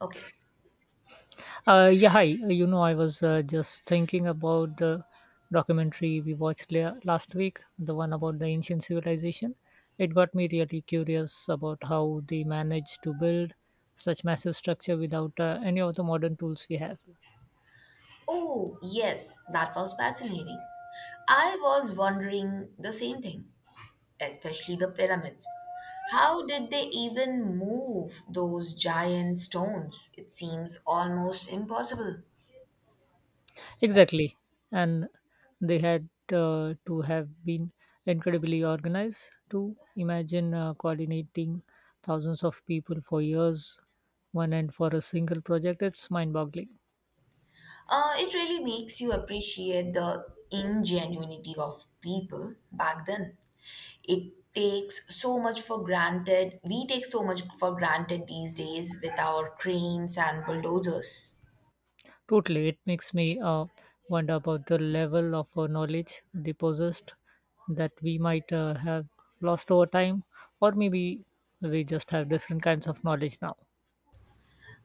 Okay. Hi, I was just thinking about the documentary we watched last week, the one about the ancient civilization. It got me really curious about how they managed to build such massive structure without any of the modern tools we have. Oh, yes, that was fascinating. I was wondering the same thing, especially the pyramids. How did they even move those giant stones? It seems almost impossible. Exactly. And they had to have been incredibly organized to imagine coordinating thousands of people for years, one end for a single project. It's mind boggling. It really makes you appreciate the ingenuity of people back then. It takes so much for granted. We take so much for granted these days with our cranes and bulldozers. Totally, it makes me wonder about the level of knowledge they possessed that we might have lost over time, or maybe we just have different kinds of knowledge now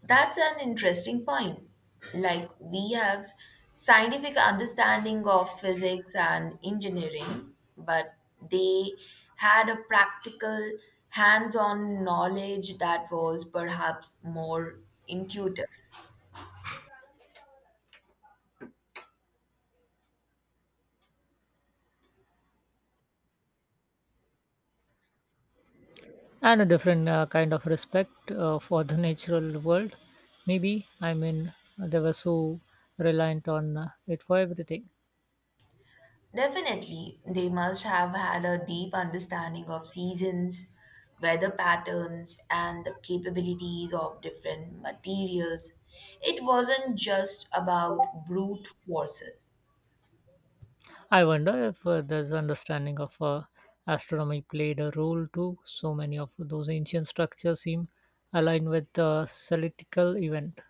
That's an interesting point. Like we have scientific understanding of physics and engineering, but they had a practical hands-on knowledge that was perhaps more intuitive. and a different kind of respect for the natural world. Maybe, I mean, they were so reliant on it for everything. Definitely, they must have had a deep understanding of seasons, weather patterns, and the capabilities of different materials. It wasn't just about brute forces. I wonder if this understanding of astronomy played a role too. So many of those ancient structures seem aligned with the celestial event.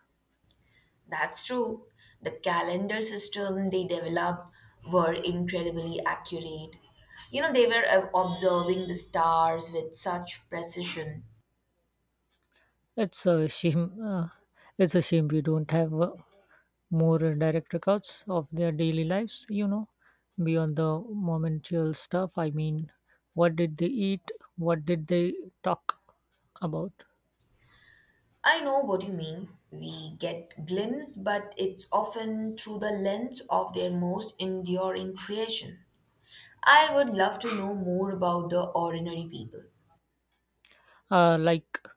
That's true. The calendar system they developed were incredibly accurate. They were observing the stars with such precision. It's a shame. It's a shame we don't have more direct records of their daily lives. You know, beyond the momentary stuff. I mean, what did they eat? What did they talk about? I know what you mean. We get glimpse, but it's often through the lens of their most enduring creation. I would love to know more about the ordinary people. Like,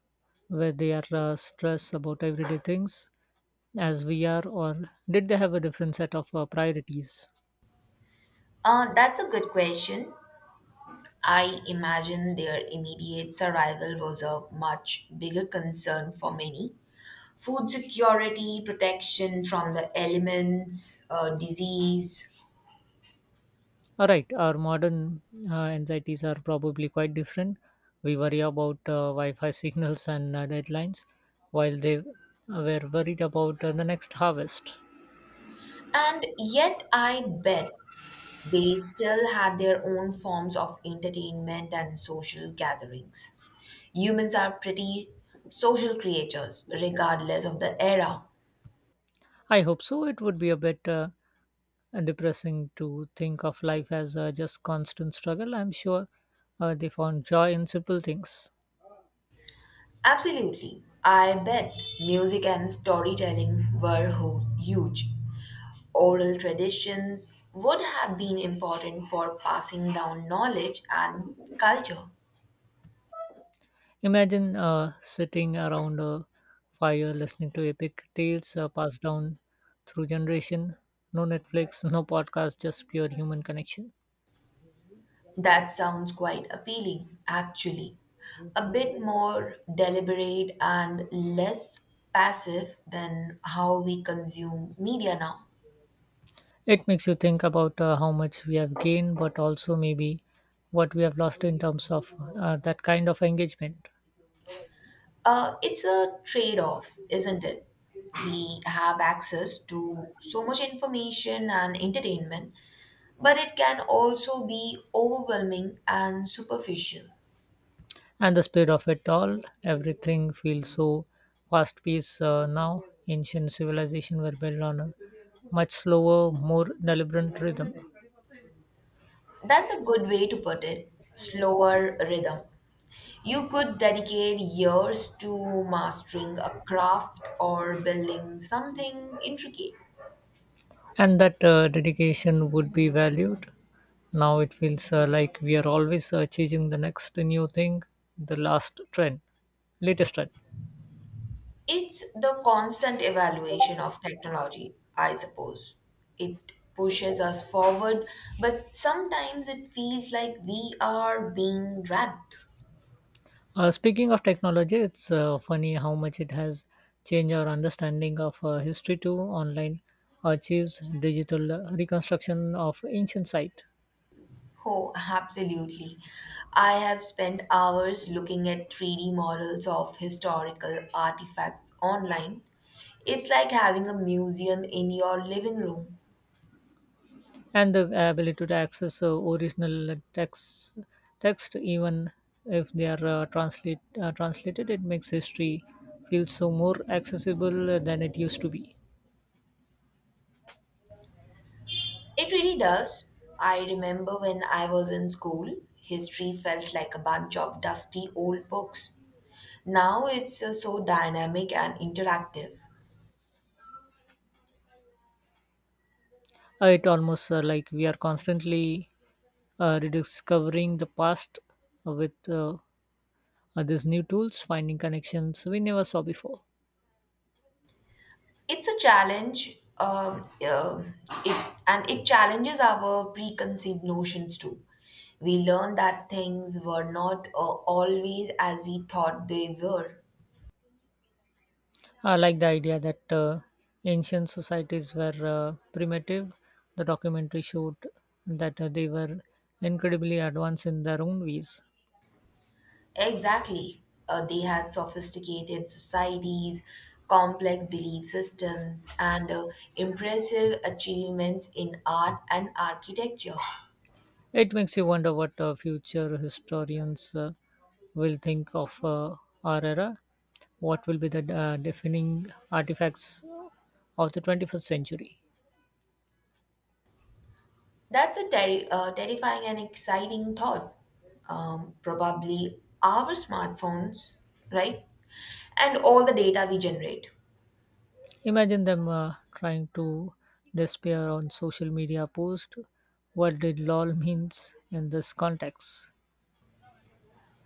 were they are stressed about everyday things as we are, or did they have a different set of priorities? That's a good question. I imagine their immediate survival was a much bigger concern for many. Food security, protection from the elements, disease. All right, our modern anxieties are probably quite different. We worry about Wi-Fi signals and deadlines, while they were worried about the next harvest. And yet, I bet they still had their own forms of entertainment and social gatherings. Humans are pretty social creatures, regardless of the era. I hope so. It would be a bit depressing to think of life as just constant struggle. I'm sure they found joy in simple things. Absolutely. I bet music and storytelling were huge. Oral traditions would have been important for passing down knowledge and culture. Imagine sitting around a fire, listening to epic tales passed down through generation. No Netflix, no podcast, just pure human connection. That sounds quite appealing, actually. A bit more deliberate and less passive than how we consume media now. It makes you think about how much we have gained, but also maybe what we have lost in terms of that kind of engagement It's a trade off, isn't it? We have access to so much information and entertainment, but it can also be overwhelming and superficial. and the speed of it all. Everything feels so fast paced now. Ancient civilization were built on a much slower, more deliberate rhythm, That's a good way to put it. Slower rhythm. You could dedicate years to mastering a craft or building something intricate. and that dedication would be valued. Now it feels like we are always chasing the next new thing, the last trend, latest trend. It's the constant evaluation of technology, I suppose. It pushes us forward, but sometimes it feels like we are being dragged. Speaking of technology, it's funny how much it has changed our understanding of history too. Online archives, digital reconstruction of ancient site, Oh, absolutely. I have spent hours looking at 3D models of historical artifacts online. It's like having a museum in your living room. and the ability to access original text, even if they are translated, it makes history feel so more accessible than it used to be. It really does. I remember when I was in school, history felt like a bunch of dusty old books. Now it's so dynamic and interactive. It almost like we are constantly rediscovering the past with these new tools, finding connections we never saw before. It's a and it challenges our preconceived notions too. We learn that things were not always as we thought they were. I like the idea that ancient societies were primitive. The documentary showed that they were incredibly advanced in their own ways. Exactly. They had sophisticated societies, complex belief systems, and impressive achievements in art and architecture. It makes you wonder what future historians will think of our era. What will be the defining artifacts of the 21st century? That's a terrifying and exciting thought. Probably our smartphones, right? And all the data we generate. Imagine them trying to despair on social media post what did lol means in this context.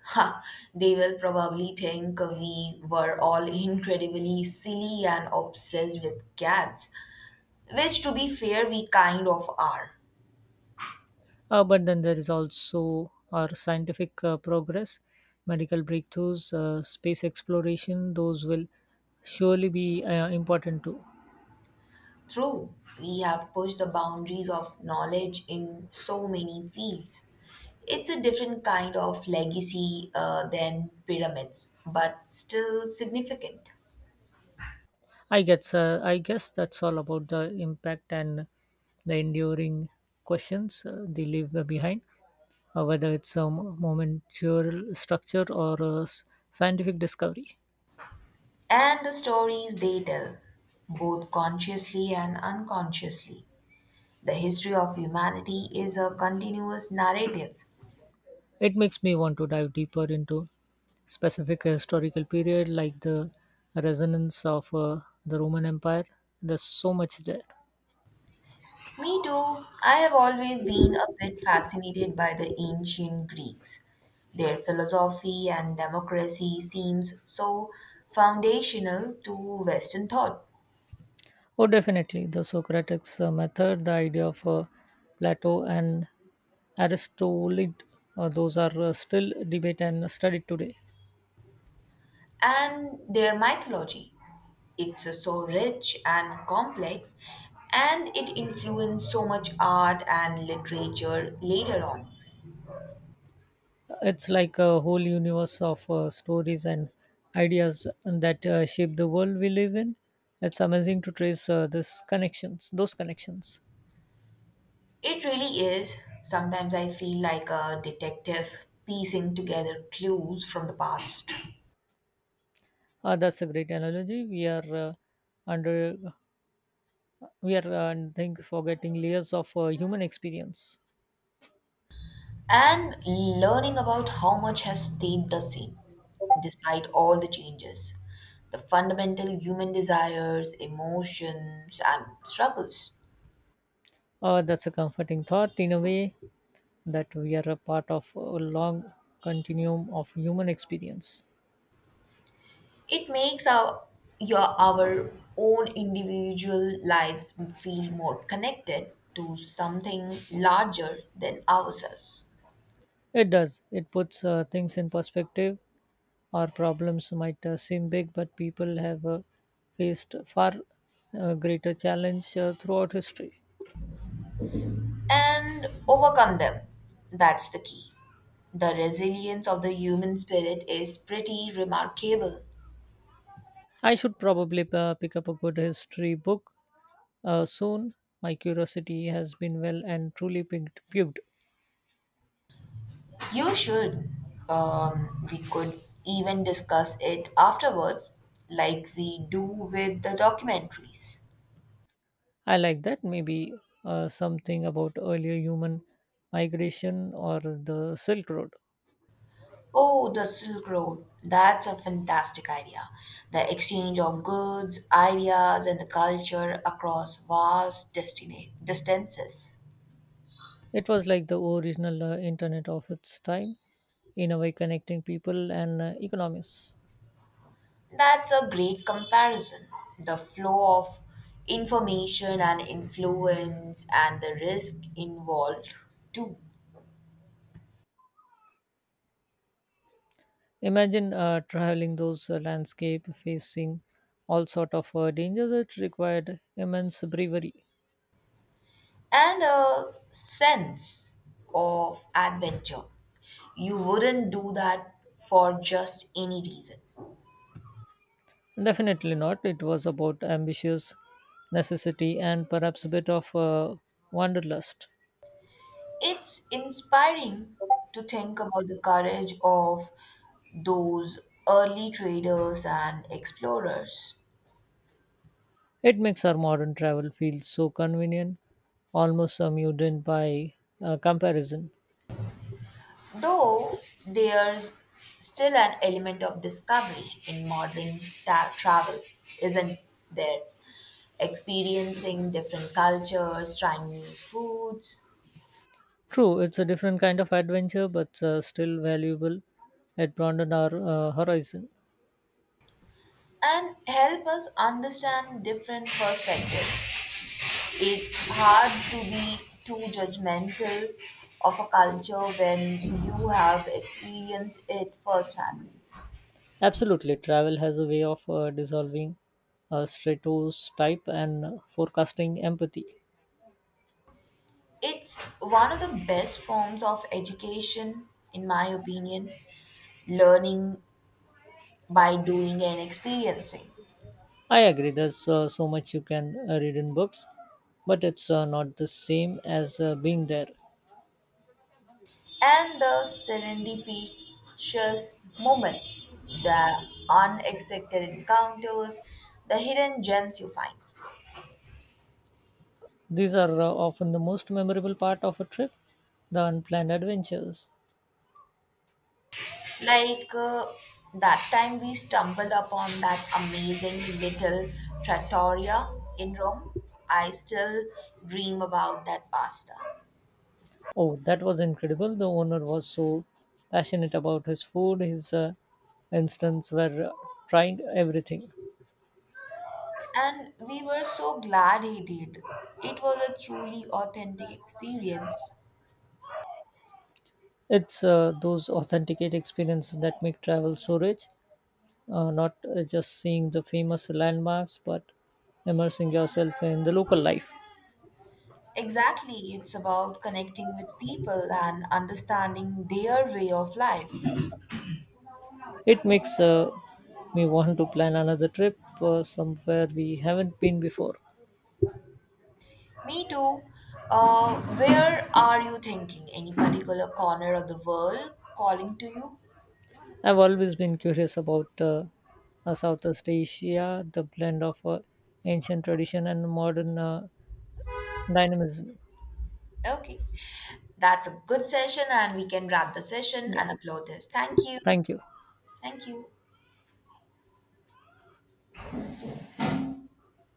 Ha, they will probably think we were all incredibly silly and obsessed with cats, which, to be fair, we kind of are. But then there is also our scientific progress, medical breakthroughs, space exploration. Those will surely be important too. True, we have pushed the boundaries of knowledge in so many fields. It's a different kind of legacy than pyramids, but still significant. I guess that's all about the impact and the enduring questions they leave behind, whether it's a momentary structure or a scientific discovery. And the stories they tell, both consciously and unconsciously. The history of humanity is a continuous narrative. It makes me want to dive deeper into specific historical period like the resonance of the Roman Empire. There's so much there. Me too. I have always been a bit fascinated by the ancient Greeks. Their philosophy and democracy seems so foundational to Western thought, Oh, definitely the Socratic method, the idea of Plato and Aristotle. Those are still debate and studied today. and their mythology. It's so rich and complex, and it influenced so much art and literature later on. It's like a whole universe of stories and ideas that shape the world we live in. It's amazing to trace these connections. It really is. Sometimes I feel like a detective piecing together clues from the past. That's a great analogy. We are under we are I think forgetting layers of human experience. And learning about how much has stayed the same despite all the changes, the fundamental human desires, emotions, and struggles. That's a comforting thought in a way that we are a part of a long continuum of human experience. It makes our your our own individual lives feel more connected to something larger than ourselves. It does. It puts things in perspective. Our problems might seem big, but people have faced far greater challenge throughout history. And overcome them. That's the key. The resilience of the human spirit is pretty remarkable. I should probably pick up a good history book soon. My curiosity has been well and truly piqued. You should. We could even discuss it afterwards, like we do with the documentaries. I like that. Maybe something about earlier human migration or the Silk Road. Oh, the Silk Road. That's a fantastic idea. The exchange of goods, ideas, and the culture across vast distances. It was like the original internet of its time, in a way connecting people and economies. That's a great comparison. The flow of information and influence, and the risk involved, too. Imagine traveling those landscape, facing all sort of dangers. It required immense bravery. And a sense of adventure. You wouldn't do that for just any reason. Definitely not. It was about ambitious necessity and perhaps a bit of wanderlust. It's inspiring to think about the courage of those early traders and explorers, It makes our modern travel feel so convenient, almost a mutant by comparison. though there's still an element of discovery in modern travel, isn't there? Experiencing different cultures, trying new foods, True, it's a different kind of adventure, but still valuable. It broadened our horizon. and help us understand different perspectives. It's hard to be too judgmental of a culture when you have experienced it firsthand. Absolutely, travel has a way of dissolving stereotype and forecasting empathy. It's one of the best forms of education, in my opinion, learning by doing and experiencing. I agree. There's so much you can read in books, but it's not the same as being there. And the serendipitous moment, the unexpected encounters, the hidden gems you find. These are often the most memorable part of a trip, the unplanned adventures. Like uh, that time we stumbled upon that amazing little trattoria in Rome. I still dream about that pasta. Oh, that was incredible. The owner was so passionate about his food. His instants were trying everything. And we were so glad he did. It was a truly authentic experience. It's those authenticate experiences that make travel so rich, not just seeing the famous landmarks, but immersing yourself in the local life. Exactly, it's about connecting with people and understanding their way of life. It makes me want to plan another trip somewhere we haven't been before. Me too. Where are you thinking? Any particular corner of the world calling to you? I've always been curious about Southeast Asia, the blend of ancient tradition and modern dynamism. Okay. That's a good session, and we can wrap the session Yeah, and upload this. Thank you. thank you. Thank you.